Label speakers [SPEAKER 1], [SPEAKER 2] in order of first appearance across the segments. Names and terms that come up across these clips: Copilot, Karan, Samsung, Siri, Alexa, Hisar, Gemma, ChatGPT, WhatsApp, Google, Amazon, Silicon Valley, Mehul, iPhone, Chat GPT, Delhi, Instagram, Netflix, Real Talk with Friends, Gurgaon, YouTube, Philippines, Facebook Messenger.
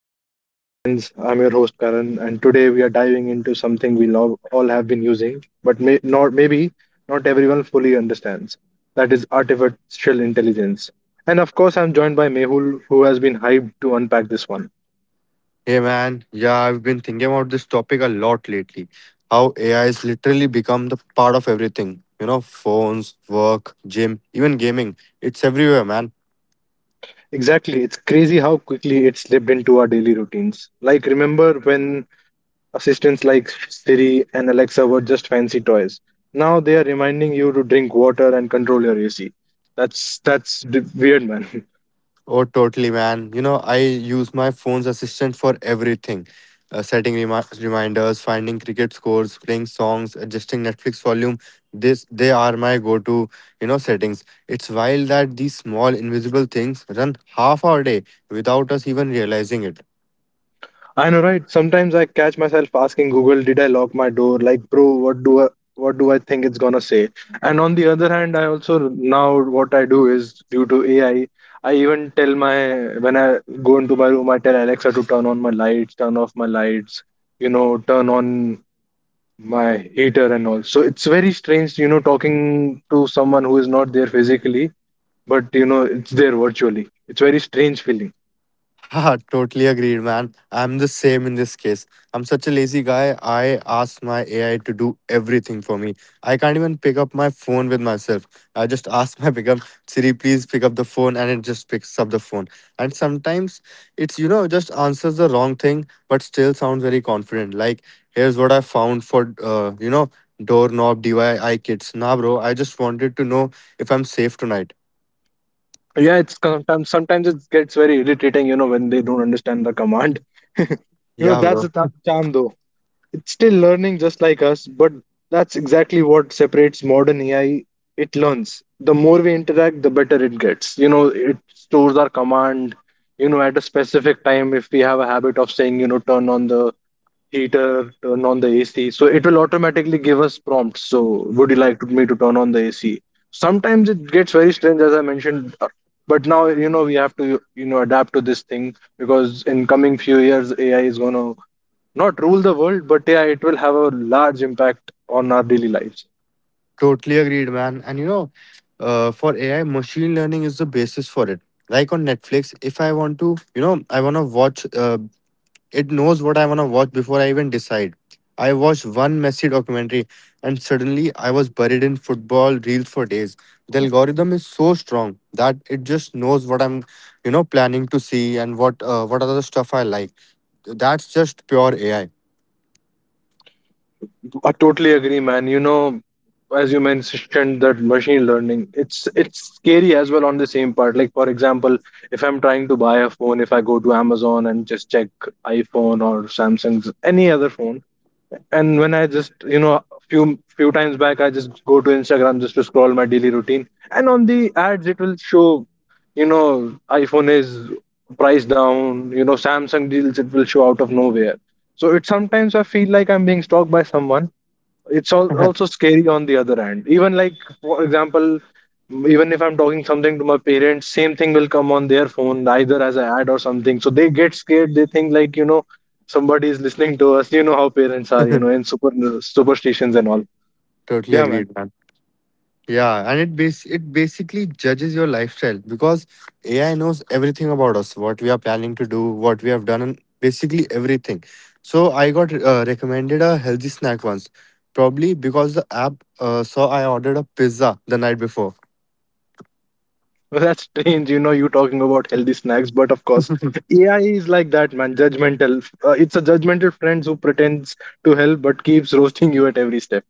[SPEAKER 1] Real Talk with Friends. I'm your host Karan, and today we are diving into something we love, all have been using, but may not maybe not everyone fully understands. That is artificial intelligence. And of course, I'm joined by Mehul, who has been hyped to unpack this one.
[SPEAKER 2] Hey man, yeah, I've been thinking about this topic a lot lately. How AI has literally become the part of everything. You know, phones, work, gym, even gaming. It's everywhere, man.
[SPEAKER 1] Exactly, it's crazy how quickly it slipped into our daily routines. Like, remember when Assistants like Siri and Alexa were just fancy toys. Now they are reminding you to drink water and control your AC. That's weird, man.
[SPEAKER 2] Oh, totally, man. You know, I use my phone's assistant for everything. Setting reminders, finding cricket scores, playing songs, adjusting Netflix volume. This they are my go-to, you know, settings. It's wild that these small invisible things run half our day without us even realizing it.
[SPEAKER 1] I know, right? Sometimes I catch myself asking Google, "Did I lock my door?" Like, bro, what do I think it's gonna say? And on the other hand, I also now what I do is due to AI, I even tell my when I go into my room, I tell Alexa to turn on my lights, turn off my lights, you know, turn on my eater and all. So it's very strange, you know, talking to someone who is not there physically, but you know, it's there virtually. It's very strange feeling.
[SPEAKER 2] Haha, totally agreed, man. I'm the same in this case. I'm such a lazy guy. I ask my AI to do everything for me. I can't even pick up my phone with myself. I just ask my pickup Siri, please pick up the phone, and it just picks up the phone. And sometimes it's you know just answers the wrong thing, but still sounds very confident. Like here's what I found for you know doorknob DIY kits. Nah, bro. I just wanted to know if I'm safe tonight.
[SPEAKER 1] Yeah, it's sometimes sometimes it gets very irritating, you know, when they don't understand the command. You know,
[SPEAKER 2] Yeah,
[SPEAKER 1] that's the
[SPEAKER 2] bro.
[SPEAKER 1] th- charm though. It's still learning just like us, but that's exactly what separates modern AI. It learns. The more we interact, the better it gets. You know, it stores our command, you know, at a specific time if we have a habit of saying, you know, turn on the heater, turn on the AC. So it will automatically give us prompts. So would you like me to turn on the AC? Sometimes it gets very strange, as I mentioned. But now you know we have to you know adapt to this thing because in coming few years AI is gonna not rule the world, but yeah, it will have a large impact on our daily lives.
[SPEAKER 2] Totally agreed, man. And you know, for AI, machine learning is the basis for it. Like on Netflix, if I want to, you know, I want to watch, it knows what I want to watch before I even decide. I watched one messy documentary and suddenly I was buried in football reels for days. The algorithm is so strong that it just knows what I'm, you know, planning to see and what other stuff I like. That's just pure AI.
[SPEAKER 1] I totally agree, man. You know, as you mentioned that machine learning, it's scary as well on the same part. Like for example, if I'm trying to buy a phone, if I go to Amazon and just check iPhone or Samsung's any other phone, and when I just you know a few times back, I just go to Instagram just to scroll my daily routine, and on the ads it will show, you know, iPhone is priced down, you know, Samsung deals it will show out of nowhere. So it sometimes I feel like I'm being stalked by someone. Also scary on the other hand, even like for example, even if I'm talking something to my parents, same thing will come on their phone either as an ad or something, so they get scared. They think like, you know, somebody is listening to us. You know how parents are, you know, in superstitions and all.
[SPEAKER 2] Totally
[SPEAKER 1] Yeah, man.
[SPEAKER 2] agreed, man. Yeah, and it basically judges your lifestyle because AI knows everything about us, what we are planning to do, what we have done, and basically everything. So I got recommended a healthy snack once, probably because the app saw I ordered a pizza the night before.
[SPEAKER 1] Well, that's strange, you know, you talking about healthy snacks, but of course AI is like that, man. Judgmental. It's a judgmental friend who pretends to help but keeps roasting you at every step.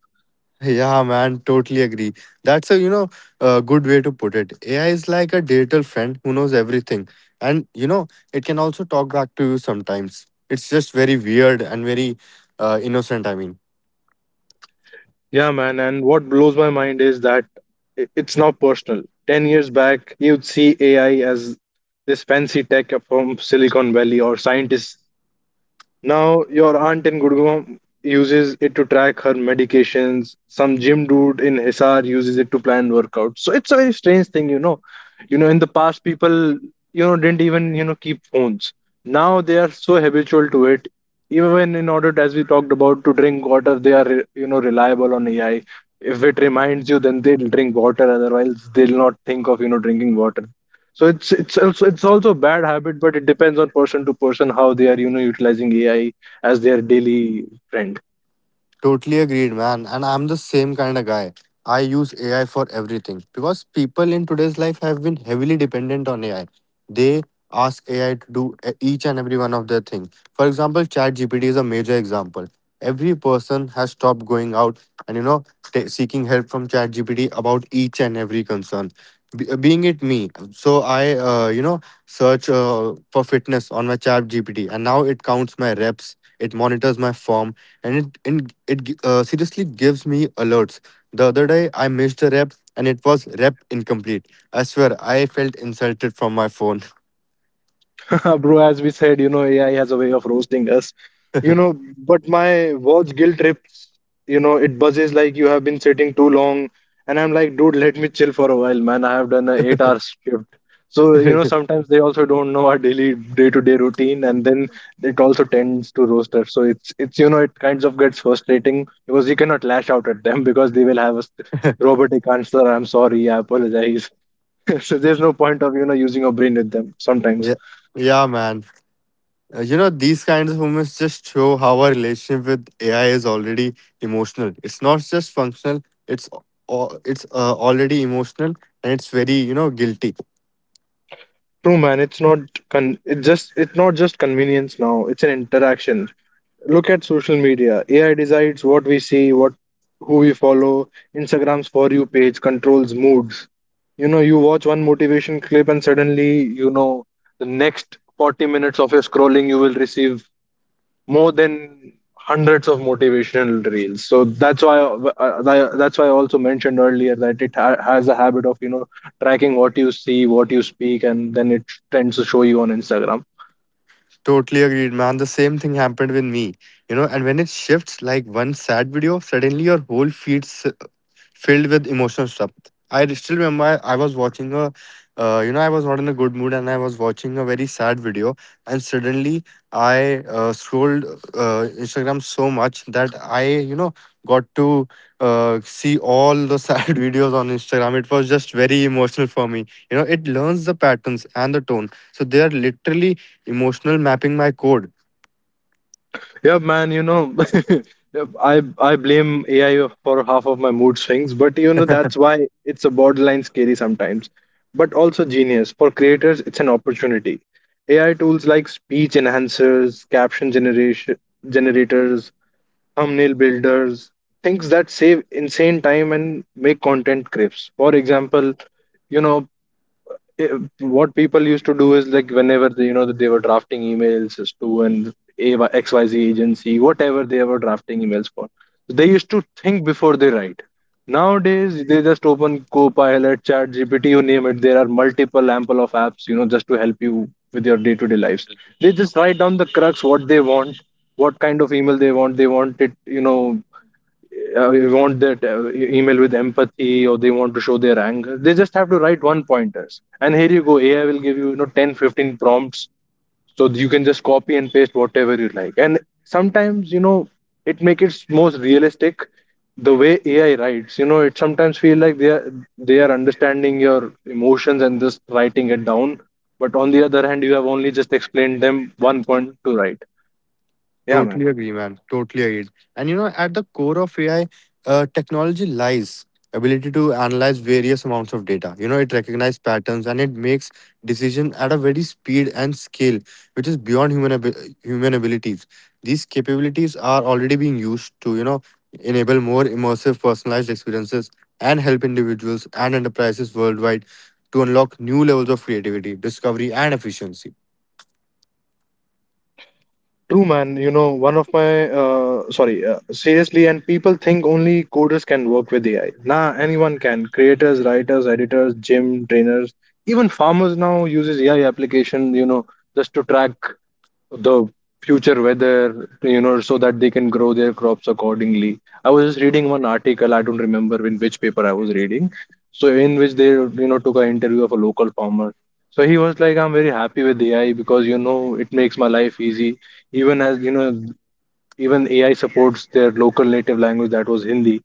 [SPEAKER 2] Yeah, man, totally agree. That's a, you know, a good way to put it. AI is like a digital friend who knows everything. And, you know, it can also talk back to you sometimes. It's just very weird and very innocent, I mean.
[SPEAKER 1] Yeah, man. And what blows my mind is that it's now personal. 10 years back, you'd see AI as this fancy tech from Silicon Valley or scientists. Now, your aunt in Gurgaon uses it to track her medications. Some gym dude in Hisar uses it to plan workouts. So it's a very strange thing, you know. You know, in the past, people, you know, didn't even, you know, keep phones. Now they are so habitual to it. Even in order, as we talked about, to drink water, they are, you know, reliable on AI. If it reminds you, then they'll drink water. Otherwise, they'll not think of, you know, drinking water. So it's also a bad habit, but it depends on person to person how they are, you know, utilizing AI as their daily friend.
[SPEAKER 2] Totally agreed, man. And I'm the same kind of guy. I use AI for everything because people in today's life have been heavily dependent on AI. They ask AI to do each and every one of their thing. For example, ChatGPT is a major example. Every person has stopped going out and you know seeking help from ChatGPT about each and every concern. Being it me, so I you know search for fitness on my ChatGPT, and now it counts my reps. It monitors my form and it seriously gives me alerts. The other day I missed a rep and it was rep incomplete. I swear I felt insulted from my phone.
[SPEAKER 1] Bro, as we said, you know, AI has a way of roasting us. You know, but my watch guilt trips, you know, it buzzes like you have been sitting too long. And I'm like, dude, let me chill for a while, man. I have done an eight-hour shift. So, you know, sometimes they also don't know our daily day-to-day routine, and then it also tends to roast us. So it's you know, it kinds of gets frustrating because you cannot lash out at them because they will have a robotic answer. I'm sorry, I apologize. So there's no point of, you know, using your brain with them sometimes.
[SPEAKER 2] Yeah, yeah, man. You know these kinds of moments just show how our relationship with AI is already emotional. It's not just functional. It's already emotional and it's very you know guilty.
[SPEAKER 1] True, man. It's not con. It just it's not just convenience now. It's an interaction. Look at social media. AI decides what we see, what who we follow. Instagram's for you page controls moods. You know, you watch one motivation clip and suddenly, you know, the next 40 minutes of your scrolling, you will receive more than hundreds of motivational reels. So that's why that's why I also mentioned earlier that has a habit of, you know, tracking what you see, what you speak, and then it tends to show you on Instagram.
[SPEAKER 2] Totally agreed, man. The same thing happened with me. You know, and when it shifts like one sad video, suddenly your whole feed filled with emotional stuff. I still remember I was watching a, you know, I was not in a good mood and I was watching a very sad video, and suddenly I scrolled Instagram so much that I, you know, got to see all the sad videos on Instagram. It was just very emotional for me. You know, it learns the patterns and the tone, so they are literally emotional mapping my code.
[SPEAKER 1] Yeah, man, you know, yeah, I blame AI for half of my mood swings, but you know that's why it's a borderline scary sometimes, but also genius. For creators, it's an opportunity. AI tools like speech enhancers, caption generation generators, thumbnail builders, things that save insane time and make content crisp. For example, you know eh, what people used to do is like whenever they, you know, that they were drafting emails as to an AY xyz agency, whatever they were drafting emails for, they used to think before they write. Nowadays they just open Copilot, chat gpt you name it. There are multiple ample of apps, you know, just to help you with your day-to-day lives. They just write down the crux what they want, what kind of email they want. They want it you know, want their email with empathy or they want to show their anger. They just have to write one pointers and here you go, AI will give you, you know, 10, 15 prompts. So you can just copy and paste whatever you like. And sometimes you know it make it most realistic. The way AI writes, you know, it sometimes feel like they are understanding your emotions and just writing it down. But on the other hand, you have only just explained them one point to write. Yeah, man.
[SPEAKER 2] Totally agree, man. Totally agreed. And you know, at the core of AI, technology lies ability to analyze various amounts of data. You know, it recognizes patterns and it makes decision at a very speed and scale, which is beyond human abilities. These capabilities are already being used to you know enable more immersive, personalized experiences and help individuals and enterprises worldwide to unlock new levels of creativity, discovery, and efficiency.
[SPEAKER 1] True, man. You know, one of my sorry, seriously, and people think only coders can work with AI. Nah, anyone can. Creators, writers, editors, gym trainers, even farmers now uses AI application. You know, just to track the future weather, you know, so that they can grow their crops accordingly. I was just reading one article, I don't remember in which paper I was reading, so in which they, you know, took an interview of a local farmer. So he was like, I'm very happy with AI because, you know, it makes my life easy. Even as, you know, even AI supports their local native language that was Hindi.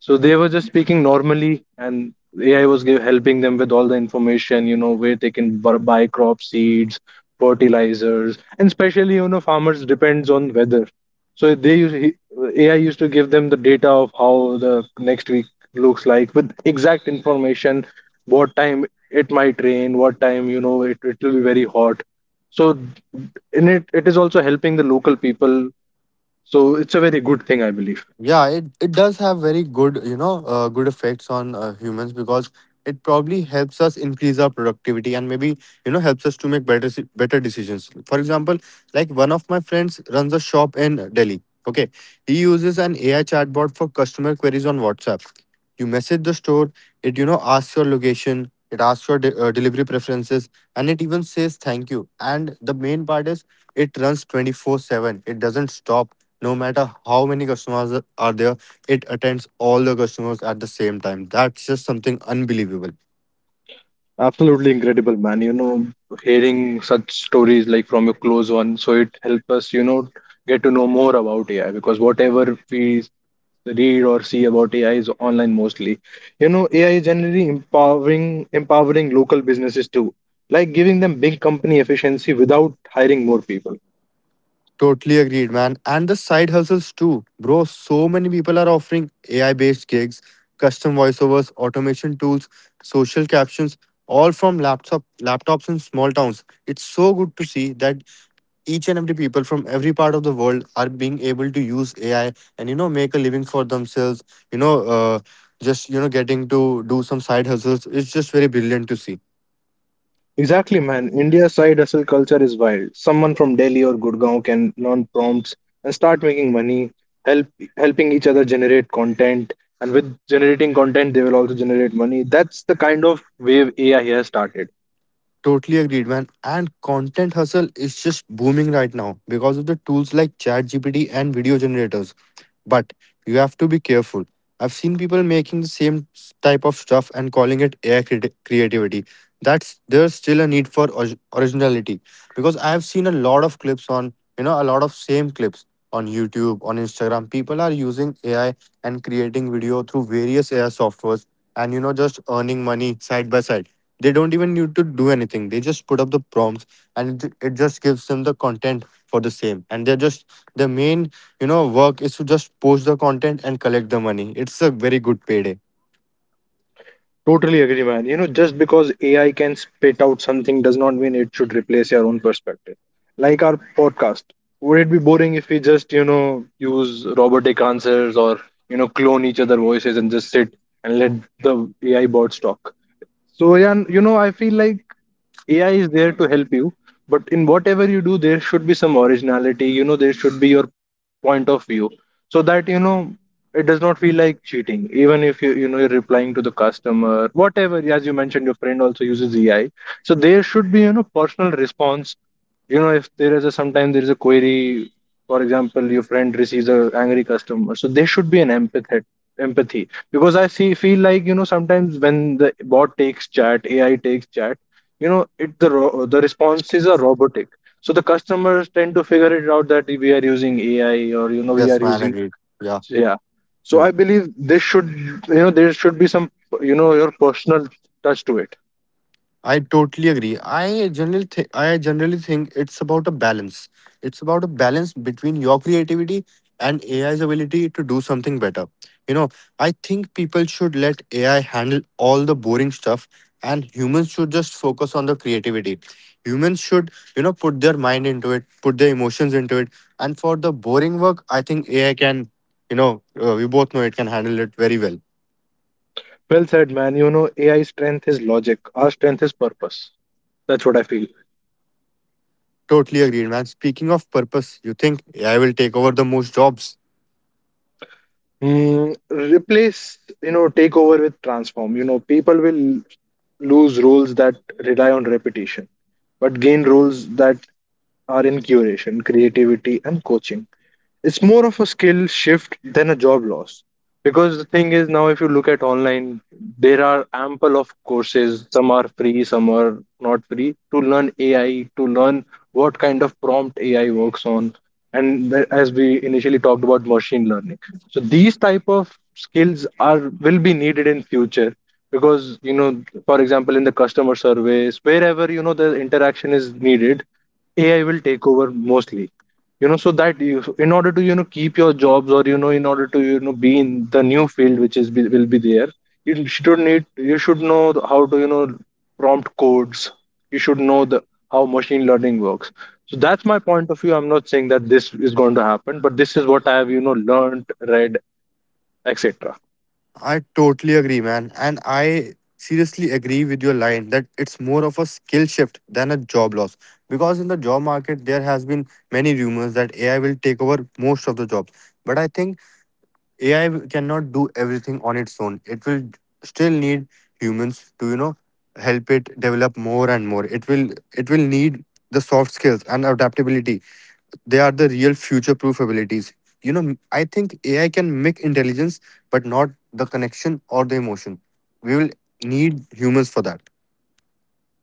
[SPEAKER 1] So they were just speaking normally, and AI was helping them with all the information, you know, where they can buy crop seeds, fertilizers, and especially, you know, farmers depends on weather. So AI used to give them the data of how the next week looks like with exact information, what time it might rain, what time, you know, it will be very hot. So it is also helping the local people, so it's a very good thing, I believe.
[SPEAKER 2] Yeah, it does have very good, you know, good effects on humans because it probably helps us increase our productivity and maybe, you know, helps us to make better decisions. For example, like one of my friends runs a shop in Delhi. Okay. He uses an AI chatbot for customer queries on WhatsApp. You message the store, it, you know, asks your location, it asks your delivery preferences, and it even says thank you. And the main part is it runs 24/7. It doesn't stop no matter how many customers are there, it attends all the customers at the same time. That's just something unbelievable.
[SPEAKER 1] Absolutely incredible, man. You know, hearing such stories like from your close one, so it helps us, you know, get to know more about AI because whatever we read or see about AI is online mostly. You know, AI is generally empowering local businesses too, like giving them big company efficiency without hiring more people.
[SPEAKER 2] Totally agreed, man. And the side hustles too. Bro, so many people are offering AI based gigs, custom voiceovers, automation tools, social captions, all from laptops in small towns. It's so good to see that each and every people from every part of the world are being able to use AI and you know make a living for themselves. You know, just you know getting to do some side hustles. It's just very brilliant to see.
[SPEAKER 1] Exactly, man. India's side hustle culture is wild. Someone from Delhi or Gurgaon can learn prompts and start making money, help helping each other generate content, and with generating content, they will also generate money. That's the kind of wave AI has started.
[SPEAKER 2] Totally agreed, man. And content hustle is just booming right now because of the tools like ChatGPT and video generators. But you have to be careful. I've seen people making the type of stuff and calling it AI creativity. That's there's still a need for originality because I have seen a lot of clips on you know a lot of same clips on YouTube on Instagram. People are using AI and creating video through various AI softwares and you know just earning money side by side. They don't even need to do anything. They just put up the prompts and it just gives them the content for the same. And they're just the main you know, work is to just post the content and collect the money. It's a very good payday.
[SPEAKER 1] Totally agree, man. You know, just because AI can spit out something does not mean it should replace your own perspective. Like our podcast, would it be boring if we just, you know, use robotic answers or, you know, clone each other voices and just sit and let the AI bots talk? So yeah, you know, I feel like AI is there to help you, but in whatever you do, there should be some originality. You know, there should be your point of view, so that it does not feel like cheating. Even if you you know you're replying to the customer, whatever. As you mentioned, your friend also uses AI, so there should be personal response. You know, if there is a sometimes there is a query, for example, your friend receives a angry customer, so there should be an empathy. Empathy because I see feel like sometimes when the bot takes chat, AI takes chat, you know it the the responses are robotic, so the customers tend to figure it out that we are using AI or you know we
[SPEAKER 2] Yes,
[SPEAKER 1] are
[SPEAKER 2] man,
[SPEAKER 1] using
[SPEAKER 2] agreed. Yeah.
[SPEAKER 1] yeah. So
[SPEAKER 2] Hmm.
[SPEAKER 1] I believe this should, you know, there should be some, you know, your personal touch to it.
[SPEAKER 2] I totally agree. I generally think it's about a balance. It's about a balance between your creativity and AI's ability to do something better. You know, I think people should let AI handle all the boring stuff and humans should just focus on the creativity. Humans should, you know, put their mind into it, put their emotions into it. And for the boring work, I think AI can, you know, we both know it can handle it very well.
[SPEAKER 1] Well said, man. You know, AI strength is logic, our strength is purpose. That's what I feel.
[SPEAKER 2] Totally agreed, man. Speaking of purpose, you think AI will take over the most jobs?
[SPEAKER 1] Mm, replace, you know, take over with transform. You know, people will lose roles that rely on repetition, but gain roles that are in curation, creativity, and coaching. It's more of a skill shift than a job loss because the thing is now if you look at online, there are ample of courses, some are free, some are not free, to learn AI, to learn what kind of prompt AI works on, and as we initially talked about machine learning. So these type of skills are will be needed in future because, you know, for example, in the customer service, wherever, you know, the interaction is needed, AI will take over mostly. You know, so that you, in order to, you know, keep your jobs, or, you know, in order to, you know, be in the new field which is be, will be there, you should need, you should know how to, you know, prompt codes. You should know the how machine learning works. So that's my point of view. I'm not saying that this is going to happen, but this is what I have, you know, learned, read, etc.
[SPEAKER 2] I totally agree, man. And I seriously agree with your line that it's more of a skill shift than a job loss. Because in the job market, there has been many rumors that AI will take over most of the jobs. But I think AI cannot do everything on its own. It will still need humans to, you know, help it develop more and more. It will need the soft skills and adaptability. They are the real future proof abilities. You know, I think AI can make intelligence, but not the connection or the emotion. We will need humans for that.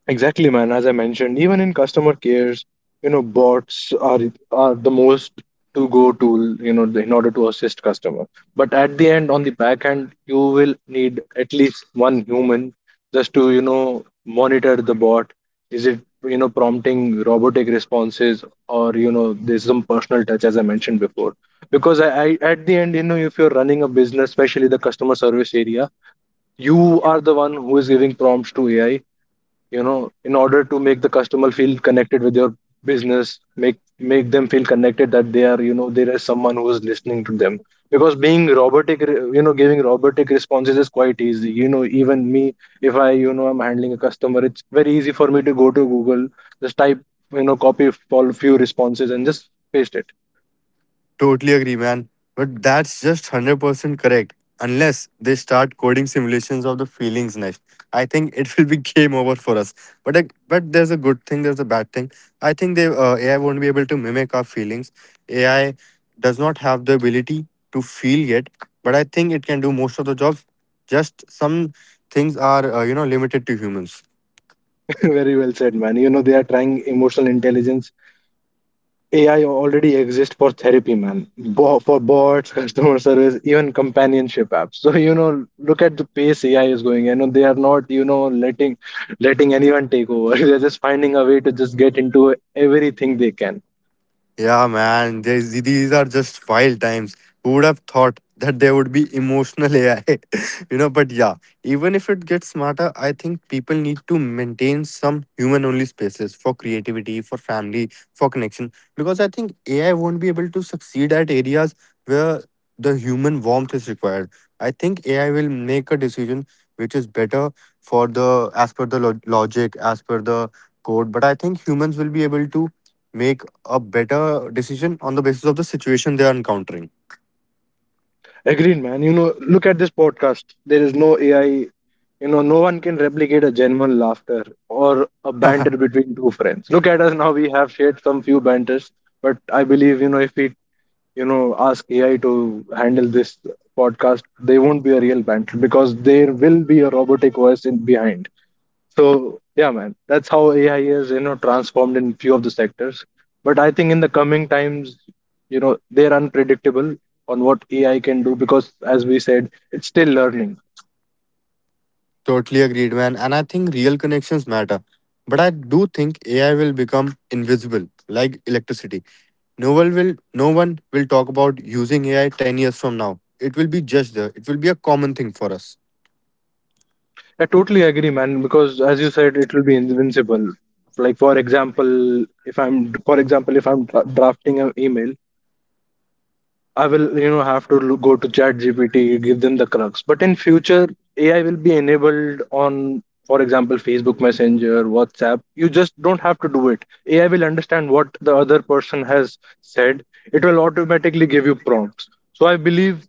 [SPEAKER 1] Exactly, man. As I mentioned, even in customer cares, you know, bots are the most to go tool, you know, in order to assist customer. But at the end, on the back end, you will need at least one human just to, you know, monitor the bot. Is it, you know, prompting robotic responses or, you know, there's some personal touch, as I mentioned before. Because I at the end, you know, if you're running a business, especially the customer service area, you are the one who is giving prompts to AI, you know, in order to make the customer feel connected with your business, make them feel connected that they are, you know, there is someone who is listening to them. Because being robotic, you know, giving robotic responses is quite easy, you know. Even me, if I, you know, I'm handling a customer, it's very easy for me to go to Google, just type, you know, copy all few responses and just paste it.
[SPEAKER 2] Totally agree, man. But that's just 100% correct. Unless they start coding simulations of the feelings next, I think it will be game over for us. But there's a good thing, there's a bad thing. I think they AI won't be able to mimic our feelings. AI does not have the ability to feel yet, but I think it can do most of the jobs. Just some things are you know limited to humans.
[SPEAKER 1] Very well said, man. You know, they are trying emotional intelligence. AI already exists for therapy, man. For bots, customer service, even companionship apps. So you know, look at the pace AI is going. You know, they are not, you know, letting letting anyone take over. They're just finding a way to just get into everything they can.
[SPEAKER 2] Yeah, man, these are just wild times. Who would have thought that there would be emotional AI? You know, but yeah, even if it gets smarter, I think people need to maintain some human only spaces for creativity, for family, for connection. Because I think AI won't be able to succeed at areas where the human warmth is required. I think AI will make a decision which is better for the as per the logic, as per the code. But I think humans will be able to make a better decision on the basis of the situation they are encountering.
[SPEAKER 1] Agreed, man. You know, look at this podcast. There is no AI. You know, no one can replicate a genuine laughter or a banter between two friends. Look at us now. We have shared some few banters, but I believe, you know, if we, you know, ask AI to handle this podcast, they won't be a real battle because there will be a robotic OS in behind. So yeah, man, that's how AI is, you know, transformed in few of the sectors. But I think in the coming times, you know, they're unpredictable on what AI can do because, as we said, it's still learning.
[SPEAKER 2] Totally agreed, man. And I think real connections matter. But I do think AI will become invisible, like electricity. No one will talk about using AI 10 years from now. It will be just there. It will be a common thing for us.
[SPEAKER 1] I totally agree, man, because as you said, it will be invincible. Like, for example, if I'm for example, if I'm drafting an email, I will, you know, have to go to Chat GPT, give them the crux. But in future, AI will be enabled on, for example, Facebook Messenger, WhatsApp. You just don't have to do it. AI will understand what the other person has said. It will automatically give you prompts. So I believe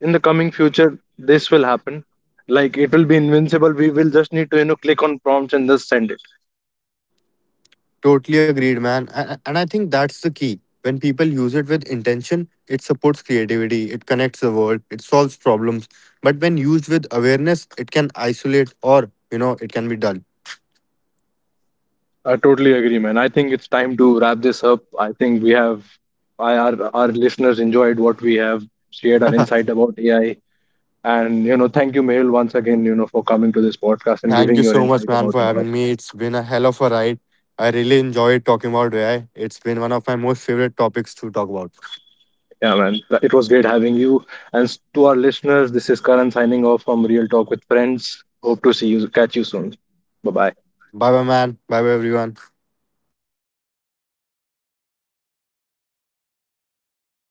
[SPEAKER 1] in the coming future, this will happen. Like it will be invincible. We will just need to, you know, click on prompts and just send it.
[SPEAKER 2] Totally agreed, man. And I think that's the key. When people use it with intention, it supports creativity, it connects the world, it solves problems. But when used with awareness, it can isolate or, you know, it can be dull.
[SPEAKER 1] I totally agree, man. I think it's time to wrap this up. I think we have, our listeners enjoyed what we have shared, our insight about AI, and you know, thank you, Mehul, once again, you know, for coming to this podcast and
[SPEAKER 2] Thank
[SPEAKER 1] giving
[SPEAKER 2] you
[SPEAKER 1] your
[SPEAKER 2] so much,
[SPEAKER 1] insight
[SPEAKER 2] man,
[SPEAKER 1] about
[SPEAKER 2] for
[SPEAKER 1] AI.
[SPEAKER 2] having me. It's been a hell of a ride. I really enjoyed talking about AI. It's been one of my most favorite topics to talk about.
[SPEAKER 1] Yeah, man, it was great having you. And to our listeners, this is Karan signing off from Real Talk with Friends. Hope to see you, catch you soon. Bye bye.
[SPEAKER 2] Bye bye, man. Bye bye, everyone.